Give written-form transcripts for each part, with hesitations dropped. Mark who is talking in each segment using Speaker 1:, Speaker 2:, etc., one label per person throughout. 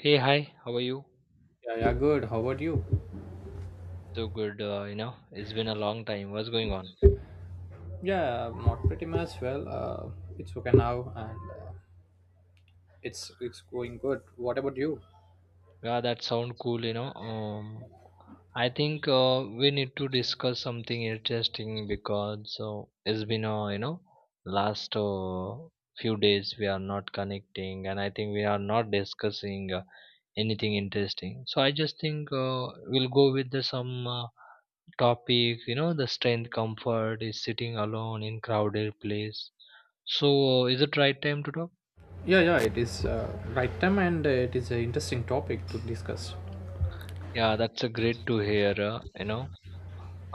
Speaker 1: Hey, hi, how are you?
Speaker 2: Yeah, yeah, good. How about you?
Speaker 1: So good, it's been a long time. What's going on?
Speaker 2: Yeah, not pretty much. Well, it's okay now, and it's going good. What about you?
Speaker 1: Yeah, that sound cool, you know. I think we need to discuss something interesting because it's been, last few days we are not connecting and I think we are not discussing anything interesting. So I just think we'll go with the, some topic, you know, the strength comfort is sitting alone in crowded place. So is it right time to talk?
Speaker 2: Yeah, yeah, it is right time, and it is an interesting topic to discuss.
Speaker 1: Yeah, that's a great to hear, you know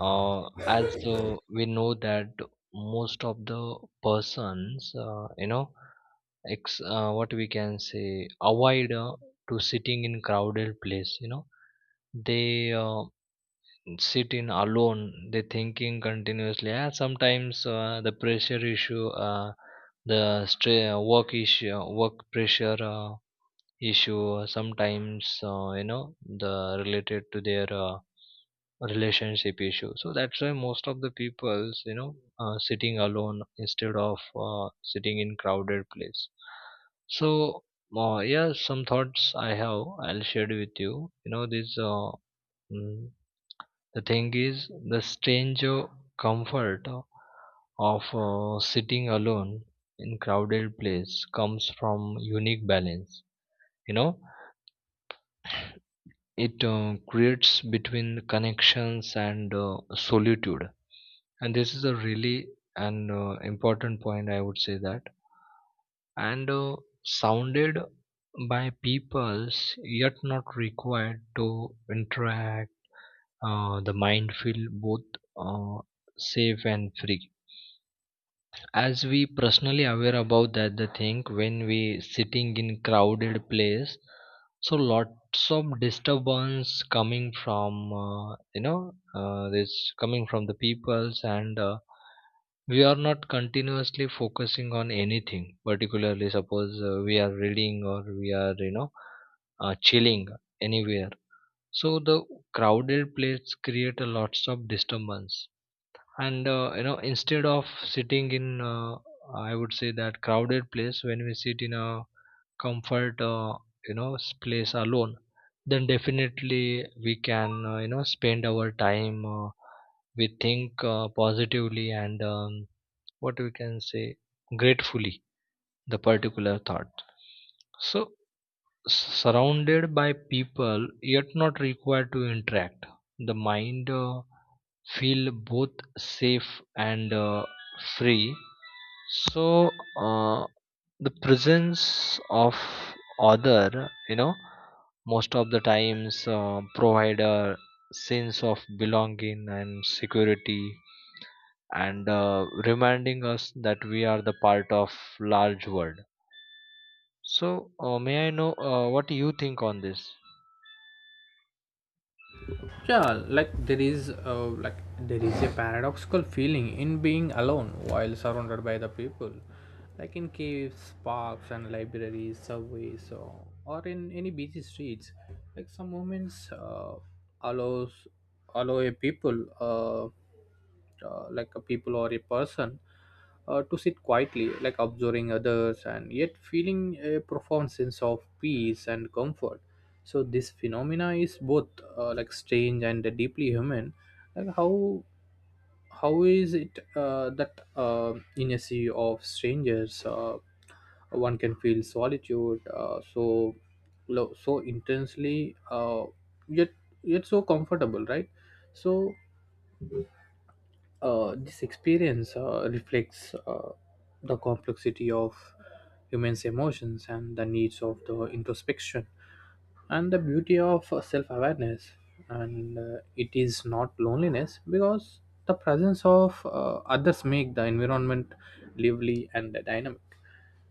Speaker 1: as we know that most of the persons, what we can say, avoid to sitting in crowded place, you know. They sit in alone, they thinking continuously, yeah, sometimes the pressure issue, the work issue, work pressure issue, sometimes the related to their relationship issue. So that's why most of the people's, you know, sitting alone instead of sitting in crowded place. so yeah, some thoughts I have I'll share with you, you know, this mm, the thing is, the strange comfort of sitting alone in crowded place comes from unique balance. You know, it creates between connections and solitude, and this is a really an important point, I would say that. And Sounded by peoples yet not required to interact. The mind feel both uh, safe and free, as we personally aware about that, the thing when we sitting in crowded place, so lots of disturbance coming from, you know this coming from the peoples. And we are not continuously focusing on anything particularly. Suppose we are reading or we are, you know, chilling anywhere, so the crowded place create a lots of disturbance. And instead of sitting in, I would say that, crowded place, when we sit in a comfort, place alone, then definitely we can, spend our time, we think positively and, what we can say, gratefully, the particular thought. So surrounded by people yet not required to interact, the mind feel both safe and free. So uh, the presence of other, you know, most of the times provide a sense of belonging and security, and reminding us that we are the part of large world. So may I know what you think on this?
Speaker 2: Yeah, like there is there is a paradoxical feeling in being alone while surrounded by the people, like in caves, parks, and libraries, subways, or in any busy streets. Like some moments allows allow a people or a person to sit quietly, like observing others and yet feeling a profound sense of peace and comfort. So this phenomena is both like strange and deeply human. Like how is it that in a sea of strangers, one can feel solitude so intensely, yet yet so comfortable, right? So this experience reflects the complexity of humans' emotions and the needs of the introspection and the beauty of self-awareness. And it is not loneliness, because the presence of others make the environment lively and dynamic.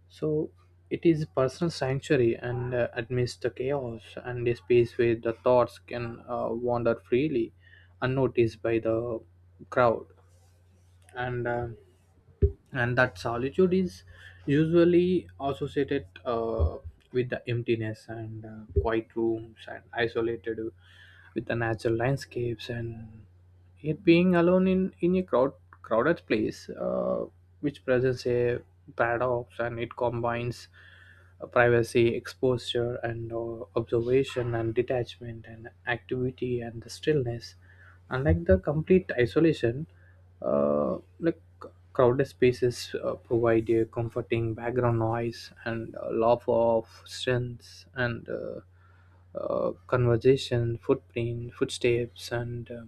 Speaker 2: So it is personal sanctuary, and amidst the chaos, and a space where the thoughts can wander freely, unnoticed by the crowd. And uh, and that solitude is usually associated with the emptiness and quiet rooms, and isolated with the natural landscapes, and yet being alone in a crowded place, which presents a paradox, and it combines privacy, exposure, and observation, and detachment, and activity, and the stillness. Unlike the complete isolation, like crowded spaces provide a comforting background noise and a lot of strengths and conversation, footprint, footsteps, and uh,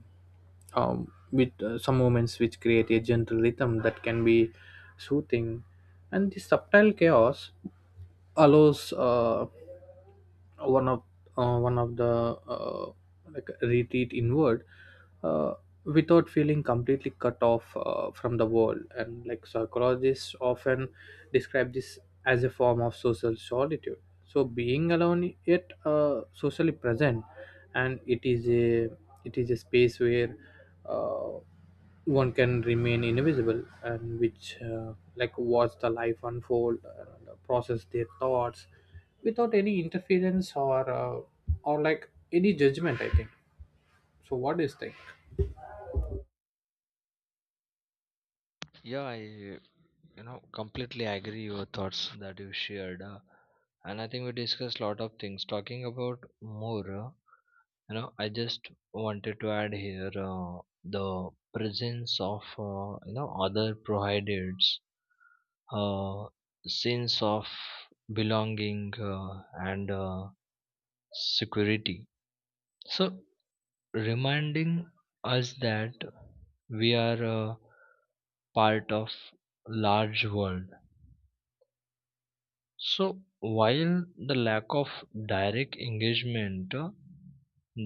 Speaker 2: um, with some moments which create a gentle rhythm that can be soothing. And the subtle chaos allows one of one of the uh, like retreat inward uh, without feeling completely cut off from the world. And like psychologists often describe this as a form of social solitude, so being alone yet socially present. And it is a space where uh, one can remain invisible, and which like watch the life unfold and process their thoughts without any interference or like any judgment, I think. So what do you think?
Speaker 1: Yeah, I you know, completely agree your thoughts that you shared, and I think we discussed a lot of things. Talking about more, I just wanted to add here, the presence of, other provided uh, sense of belonging and security. So reminding us that we are part of large world. So while the lack of direct engagement,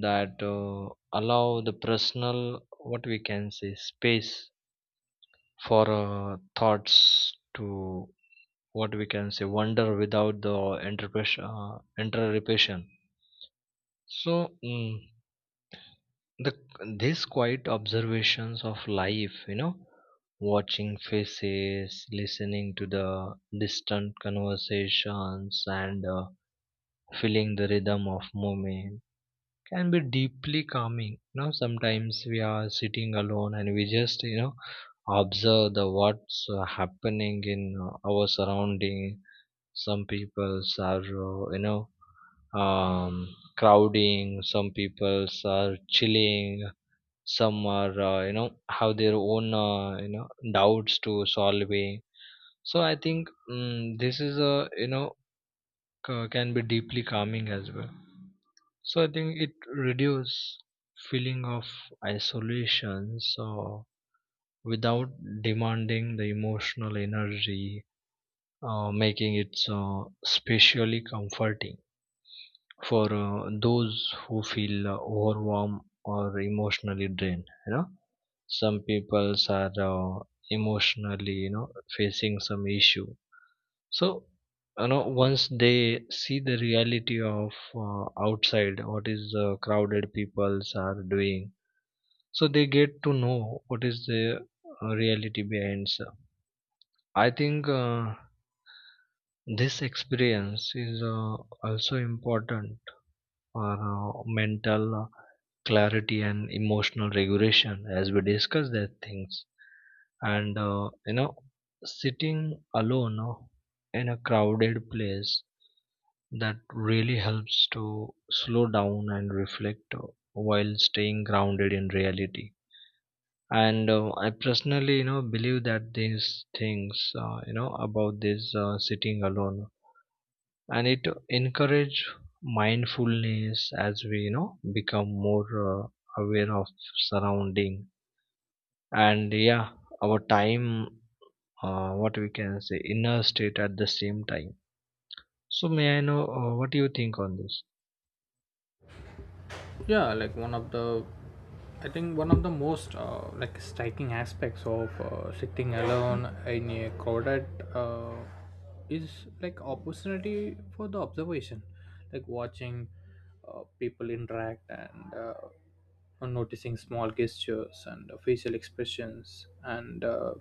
Speaker 1: that allow the personal, what we can say, space for thoughts to, what we can say, wonder without the interpretation. so mm, the these quiet observations of life, you know, watching faces, listening to the distant conversations and feeling the rhythm of movement, can be deeply calming. You know, sometimes we are sitting alone and we just, you know, observe the what's happening in our surrounding. Some people are, you know um, crowding, some people are chilling, some are, you know, have their own, you know, doubts to solving. So I think, this is a, you know, can be deeply calming as well. So I think it reduce feeling of isolation. So without demanding the emotional energy, making it so especially comforting for those who feel overwhelmed or emotionally drained. You know, some people are, emotionally, you know, facing some issue. So, you know, once they see the reality of, outside, what is, crowded peoples are doing, so they get to know what is the reality behind. So, I think this experience is, also important for mental clarity and emotional regulation, as we discuss that things. And, sitting alone in a crowded place, that really helps to slow down and reflect, while staying grounded in reality. And I personally, you know, believe that these things, about this sitting alone. And it encourage mindfulness, as we, you know, become more aware of surrounding and, yeah, our time, what we can say, inner state at the same time. So may I know what do you think on this?
Speaker 2: Yeah, like one of the I think one of the most like striking aspects of sitting alone in a crowded uh, is like opportunity for the observation, like watching people interact and noticing small gestures and facial expressions and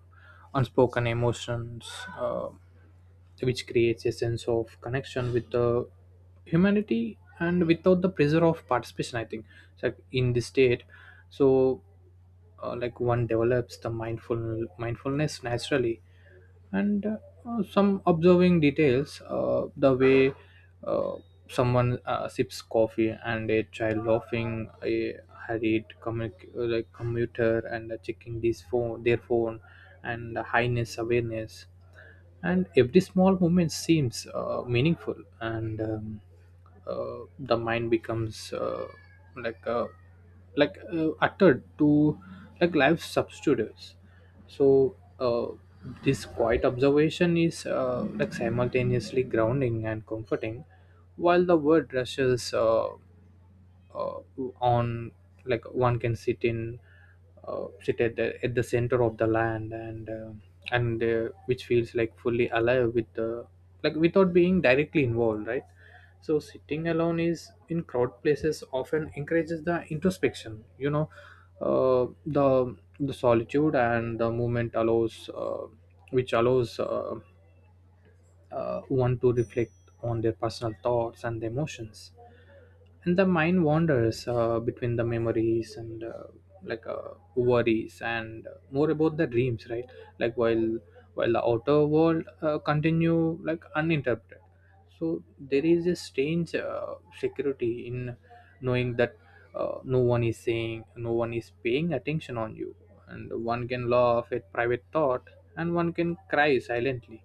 Speaker 2: unspoken emotions, which creates a sense of connection with the humanity and without the pressure of participation, I think. So like in this state, so like one develops the mindfulness naturally, and some observing details, the way uh, someone sips coffee, and a child laughing, a hurried like commuter, and checking this phone their phone, and the highness awareness, and every small moment seems meaningful. And the mind becomes like uh, uttered to like life substitutes. So this quiet observation is like simultaneously grounding and comforting while the world rushes uh, on. Like one can sit in sit at the center of the land, and which feels like fully alive with the, like without being directly involved, right? So sitting alone is in crowd places often encourages the introspection, you know, the solitude and the movement allows which allows want to reflect on their personal thoughts and the emotions, and the mind wanders between the memories and worries, and more about the dreams, right? Like while the outer world continue like uninterrupted. So there is a strange security in knowing that no one is paying attention on you, and one can laugh at private thought, and one can cry silently,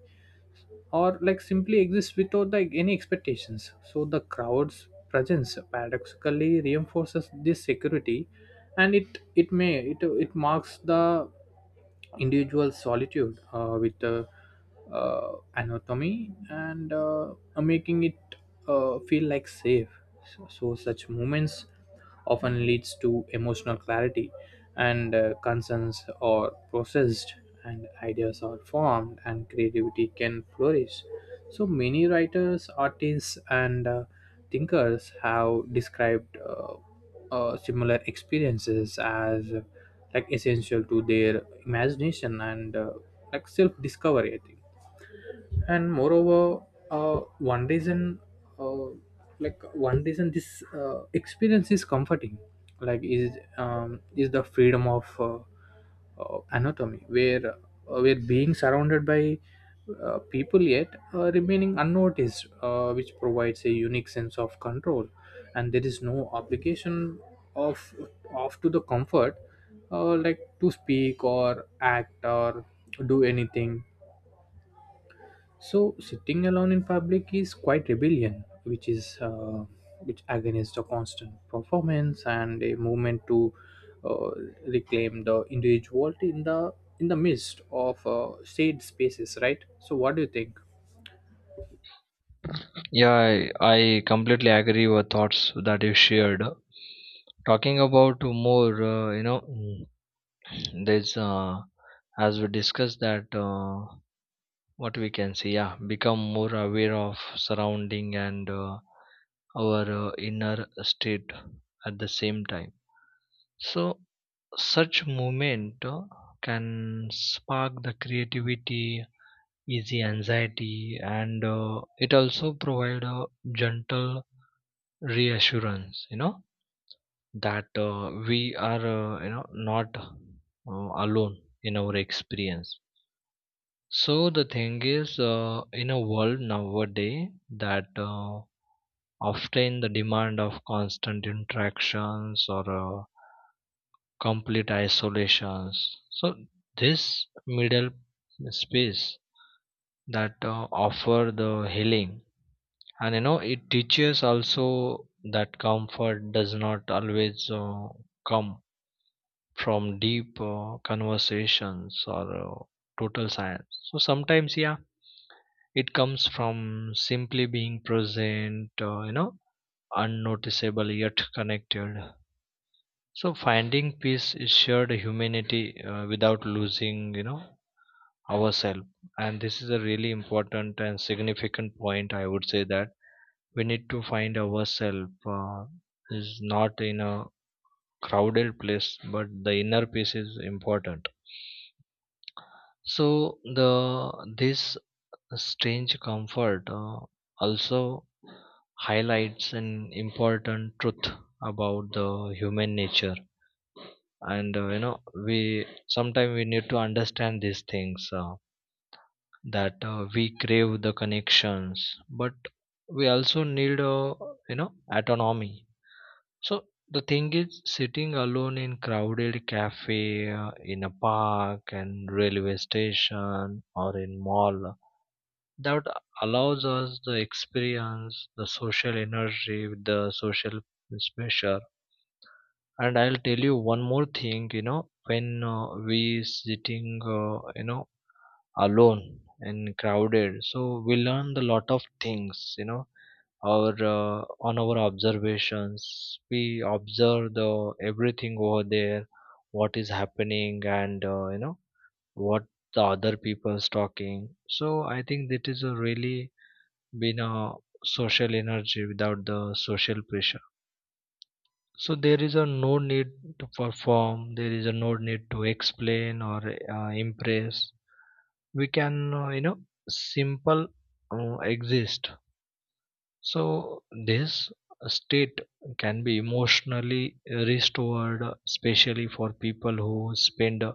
Speaker 2: or like simply exists without like any expectations. So the crowd's presence paradoxically reinforces this security, and it marks the individual solitude with the anatomy, and making it feel like safe. So such moments often leads to emotional clarity, and concerns or processed, and ideas are formed, and creativity can flourish. So many writers, artists, and thinkers have described similar experiences as like essential to their imagination and like self-discovery, I think. And moreover, one reason uh, like one reason this experience is comforting, is the freedom of anatomy, where being surrounded by people yet remaining unnoticed, which provides a unique sense of control. And there is no obligation of of to the comfort, like to speak or act or do anything. So sitting alone in public is quite rebellion, which is which against a constant performance and a movement to uh, reclaim the individuality in the midst of shared spaces, right? So what do you think?
Speaker 1: Yeah, I completely agree with thoughts that you shared. Talking about more, you know, there's as we discussed that, what we can see, yeah, become more aware of surrounding and our inner state at the same time. So such movement can spark the creativity, easy anxiety, and it also provide a gentle reassurance, you know, that we are, not alone in our experience. So the thing is, in a world nowadays that often the demand of constant interactions or complete isolations. So this middle space that offer the healing. And you know, it teaches also that comfort does not always come from deep conversations or total silence. So sometimes, yeah, it comes from simply being present, unnoticeable yet connected. So finding peace is shared humanity without losing, you know, ourselves. And this is a really important and significant point, I would say that. We need to find ourselves, is not in a crowded place, but the inner peace is important. So the this strange comfort also highlights an important truth about the human nature. And, we sometimes we need to understand these things, that, we crave the connections, but we also need, autonomy. So the thing is, sitting alone in crowded cafe, in a park, and railway station, or in mall, that allows us the experience, the social energy, with the social pressure. And I'll tell you one more thing. You know, when, we sitting, alone and crowded, so we learn a lot of things. You know, our on our observations, we observe the everything over there, what is happening, and, what the other people's talking. So I think that is a really been a social energy without the social pressure. So there is a no need to perform, there is a no need to explain or impress, we can, simple exist. So this state can be emotionally restored, especially for people who spend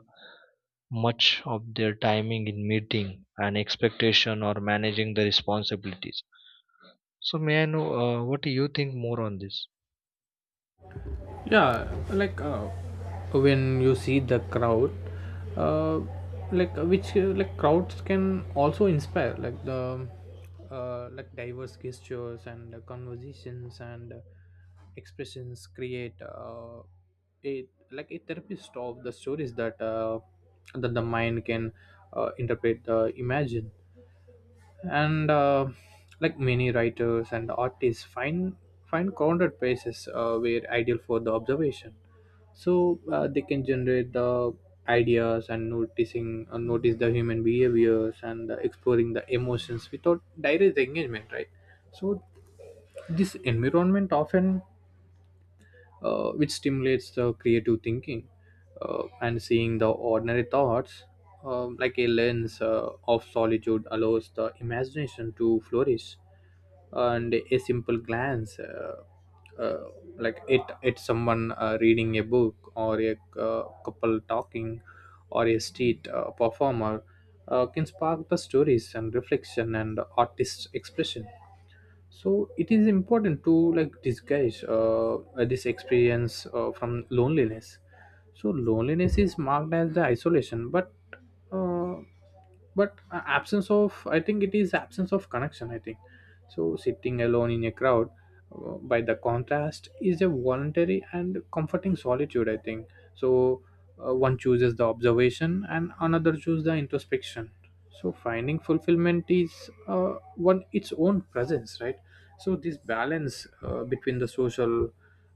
Speaker 1: much of their timing in meeting and expectation or managing the responsibilities. So may I know what do you think more on this?
Speaker 2: Yeah, like when you see the crowd, uh, which like crowds can also inspire like the like diverse gestures and conversations and expressions create it like a therapist of the stories that that the mind can interpret, imagine, and like many writers and artists find crowded places were ideal for the observation. So they can generate the ideas and noticing notice the human behaviors and exploring the emotions without direct engagement, right? So this environment often which stimulates the creative thinking, and seeing the ordinary thoughts, like a lens of solitude allows the imagination to flourish. And a simple glance, uh, like it it's someone reading a book, or a couple talking, or a street performer, can spark the stories and reflection and artist expression. So it is important to like disguise this experience from loneliness. So loneliness is marked as the isolation, but uh, absence of, I think it is absence of connection, I think. So sitting alone in a crowd, by the contrast, is a voluntary and comforting solitude, I think. So one chooses the observation and another chooses the introspection. So finding fulfillment is one its own presence, right? So this balance between the social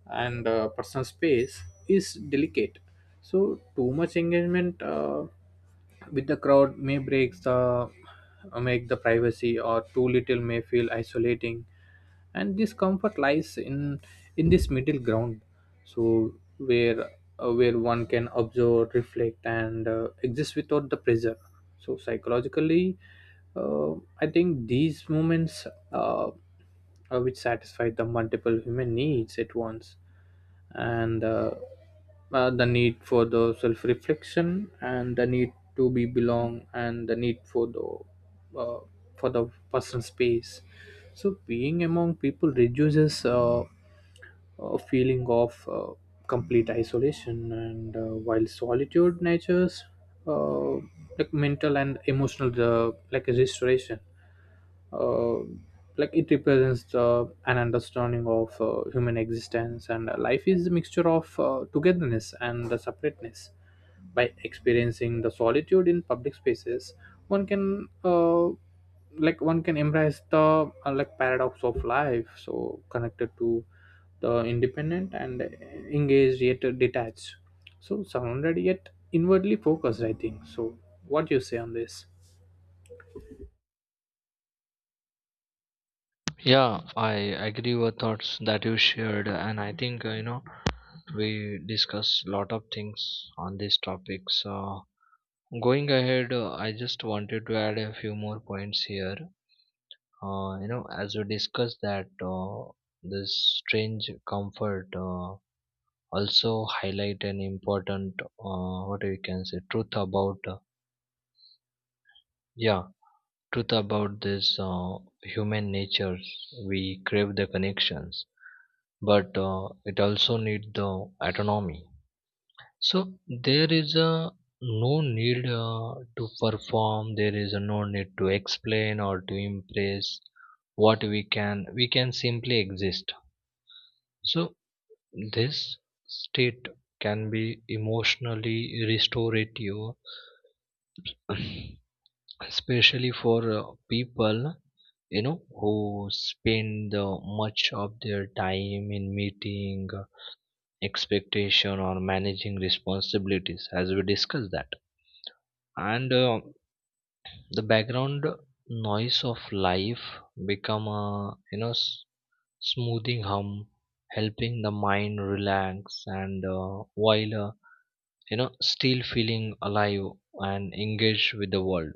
Speaker 2: and personal space is delicate. So too much engagement with the crowd may break the make the privacy, or too little may feel isolating. And this comfort lies in this middle ground. So where where one can observe, reflect, and exist without the pressure. So psychologically, uh, I think these moments, uh, which satisfy the multiple human needs at once, and the need for the self-reflection, and the need to be belong, and the need for the personal space. So being among people reduces a feeling of complete isolation, and while solitude natures uh, like mental and emotional like restoration, uh, like it represents the, an understanding of human existence, and life is a mixture of togetherness and the separateness. By experiencing the solitude in public spaces, one can, like one can embrace the like paradox of life, so connected to the independent and engaged yet detached, so surrounded yet inwardly focused, I think. So what do you say on this?
Speaker 1: Yeah, I agree with thoughts that you shared, and I think, we discuss a lot of things on these topics. Going ahead, I just wanted to add a few more points here. As we discussed that, this strange comfort also highlight an important, what we can say, truth about, yeah truth about this human nature. We crave the connections, but it also need the autonomy. So there is a no need to perform, there is a no need to explain or to impress. What we can, we can simply exist. So this state can be emotionally restorative especially for people, you know, who spend much of their time in meeting, expectation or managing responsibilities, as we discussed that. And the background noise of life become a, you know, smoothing hum, helping the mind relax and while, still feeling alive and engaged with the world.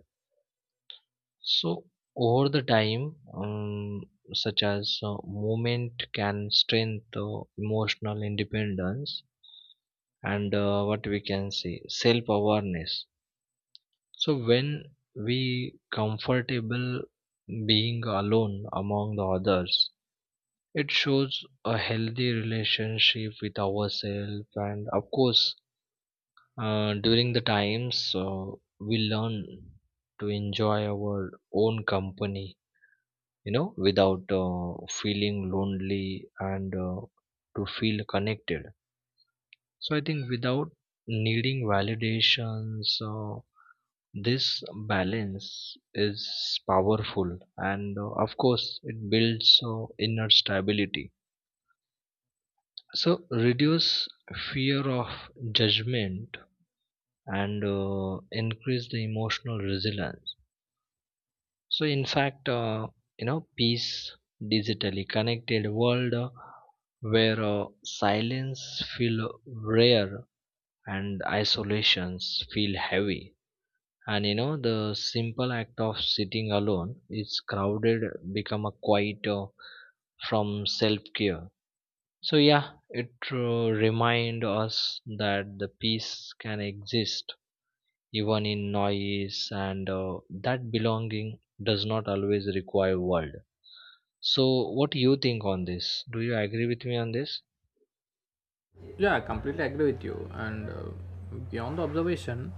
Speaker 1: So over the time, such as movement can strengthen emotional independence and what we can say, self awareness. So when we comfortable being alone among the others, it shows a healthy relationship with ourselves. And of course during the times we learn to enjoy our own company, you know, without feeling lonely and to feel connected. So I think, without needing validations, this balance is powerful. And of course it builds inner stability, so reduce fear of judgment and increase the emotional resilience. So, in fact, peace, digitally connected world, where silence feel rare and isolations feel heavy. And you know, the simple act of sitting alone is crowded, become a quiet from self care. So, yeah, it remind us that the peace can exist even in noise and that belonging does not always require world. So, what do you think on this? Do you agree with me on this?
Speaker 2: Yeah, I completely agree with you, and beyond the observation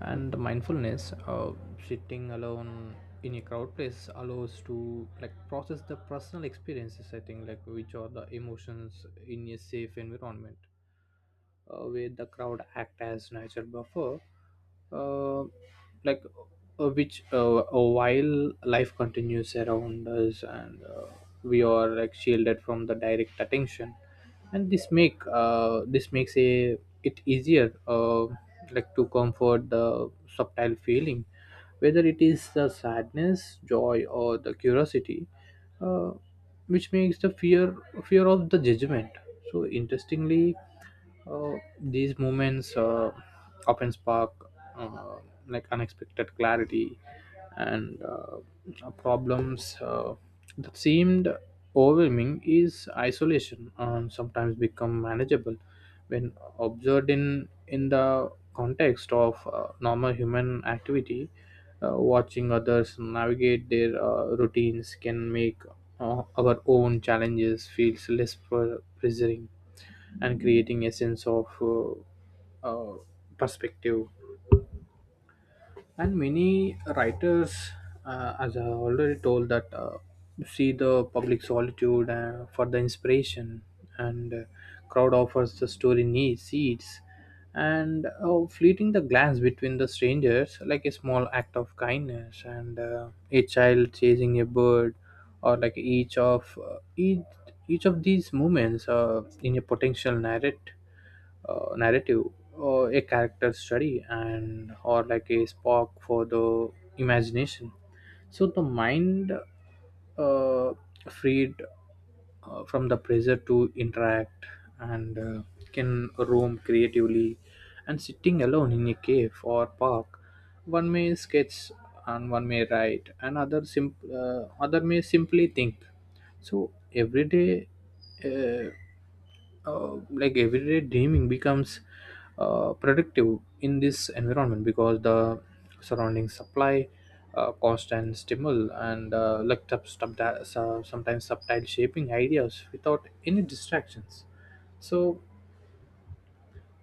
Speaker 2: and the mindfulness, sitting alone in a crowd place allows to like process the personal experiences, I think, like which are the emotions in a safe environment, where the crowd act as natural buffer, uh, like which while life continues around us, and we are like shielded from the direct attention. And this makes a it easier, like to comfort the subtle feeling, whether it is the sadness, joy, or the curiosity, uh, which makes the fear of the judgment. So interestingly, uh, these moments often spark uh, like unexpected clarity. And problems that seemed overwhelming is isolation, sometimes become manageable when observed in the context of normal human activity. Watching others navigate their routines can make our own challenges feels pressuring, and creating a sense of perspective. And many writers, as I already told that, see the public solitude for the inspiration. And crowd offers the story needs seeds, and fleeting the glance between the strangers, like a small act of kindness, and a child chasing a bird, or like each of these moments in a potential narrative, uh, narrative or a character study, and or like a spark for the imagination. So the mind, uh, freed from the pressure to interact, and can roam creatively. And sitting alone in a cave or park, one may sketch, and one may write, and other may simply think. So every day, uh, like everyday dreaming becomes productive in this environment, because the surrounding supply, cost, and stimuli, and sometimes subtle shaping ideas without any distractions. So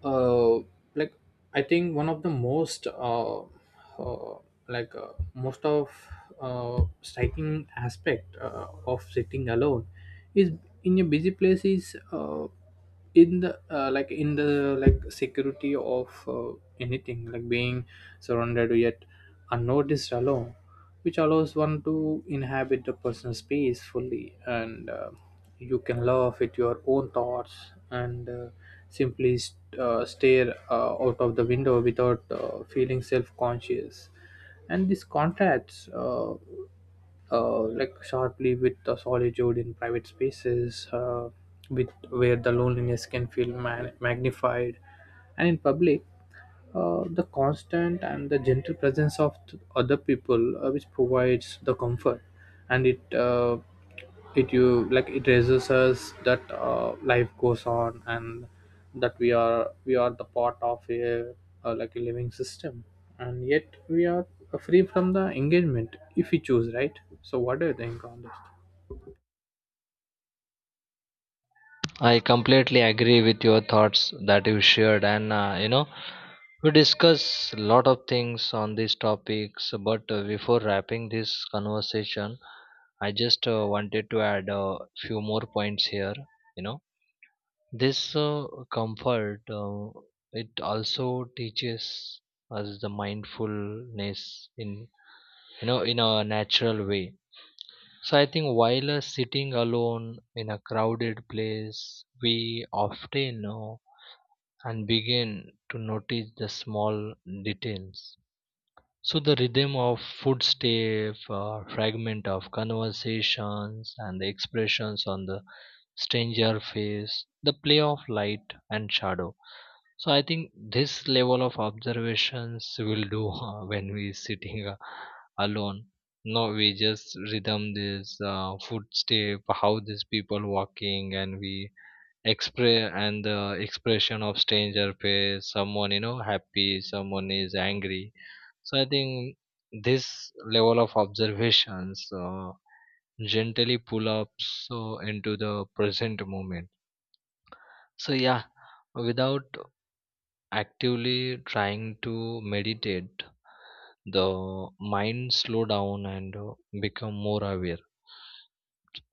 Speaker 2: uh, like I think one of the most uh, like most of striking aspect of sitting alone is in a busy place is in the like in the like security of anything, like being surrounded yet unnoticed alone, which allows one to inhabit the personal space fully. And you can laugh at your own thoughts, and simply stare out of the window without feeling self-conscious. And this contrasts like sharply with the solitude in private spaces, with where the loneliness can feel magnified. And in public, the constant and the gentle presence of other people which provides the comfort. And it it you like it raises us that life goes on, and that we are the part of a, like a living system, and yet we are free from the engagement if we choose, right? So what do you think on this?
Speaker 1: I completely agree with your thoughts that you shared, and, we discuss a lot of things on these topics. But before wrapping this conversation, I just wanted to add a few more points here. You know, this comfort it also teaches us the mindfulness in, you know, in a natural way. So I think while sitting alone in a crowded place, we often know and begin to notice the small details. So the rhythm of footstep, fragment of conversations, and the expressions on the stranger face, the play of light and shadow. So I think this level of observations will do when we sitting alone, no we just rhythm this footstep, how these people walking, and we express and the expression of stranger face, someone, you know, happy, someone is angry. So I think this level of observations gently pull up, so into the present moment. So yeah, without actively trying to meditate, the mind slow down and become more aware.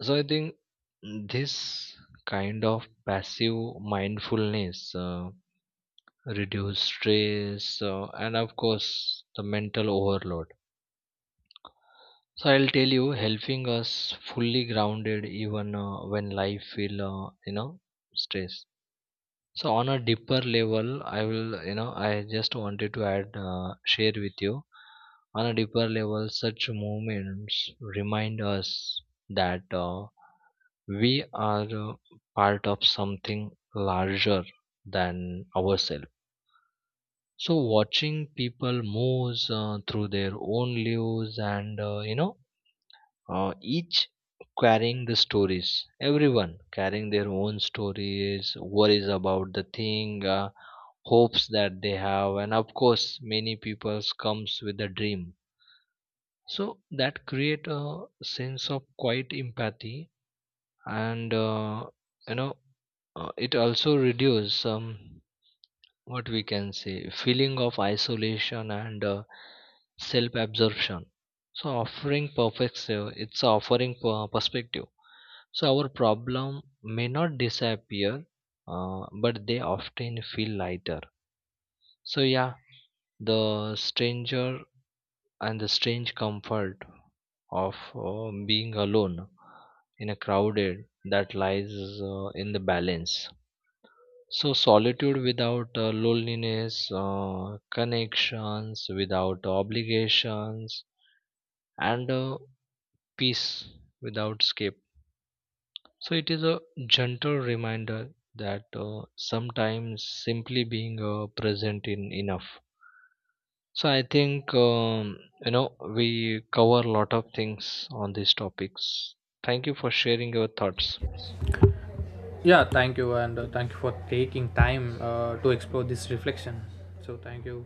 Speaker 1: So I think this kind of passive mindfulness reduce stress and of course the mental overload. So I'll tell you, helping us fully grounded even when life feel, stress. So on a deeper level, I will you know I just wanted to add share with you, on a deeper level, such moments remind us that we are part of something larger than ourselves. So watching people move through their own lives and, each carrying the stories, everyone carrying their own stories, worries about the thing, hopes that they have, and of course many people's comes with a dream. So that create a sense of quite empathy. And, you know it also reduce, what we can say, feeling of isolation and self absorption. So offering perspective it's offering per- perspective. So our problem may not disappear, but they often feel lighter. So yeah, the stranger and the strange comfort of being alone in a crowded, that lies in the balance. So solitude without loneliness, connections without obligations, and peace without escape. So it is a gentle reminder that sometimes simply being present in enough. So I think, we cover a lot of things on these topics. Thank you for sharing your thoughts.
Speaker 2: Yeah, thank you, and thank you for taking time to explore this reflection. So thank you.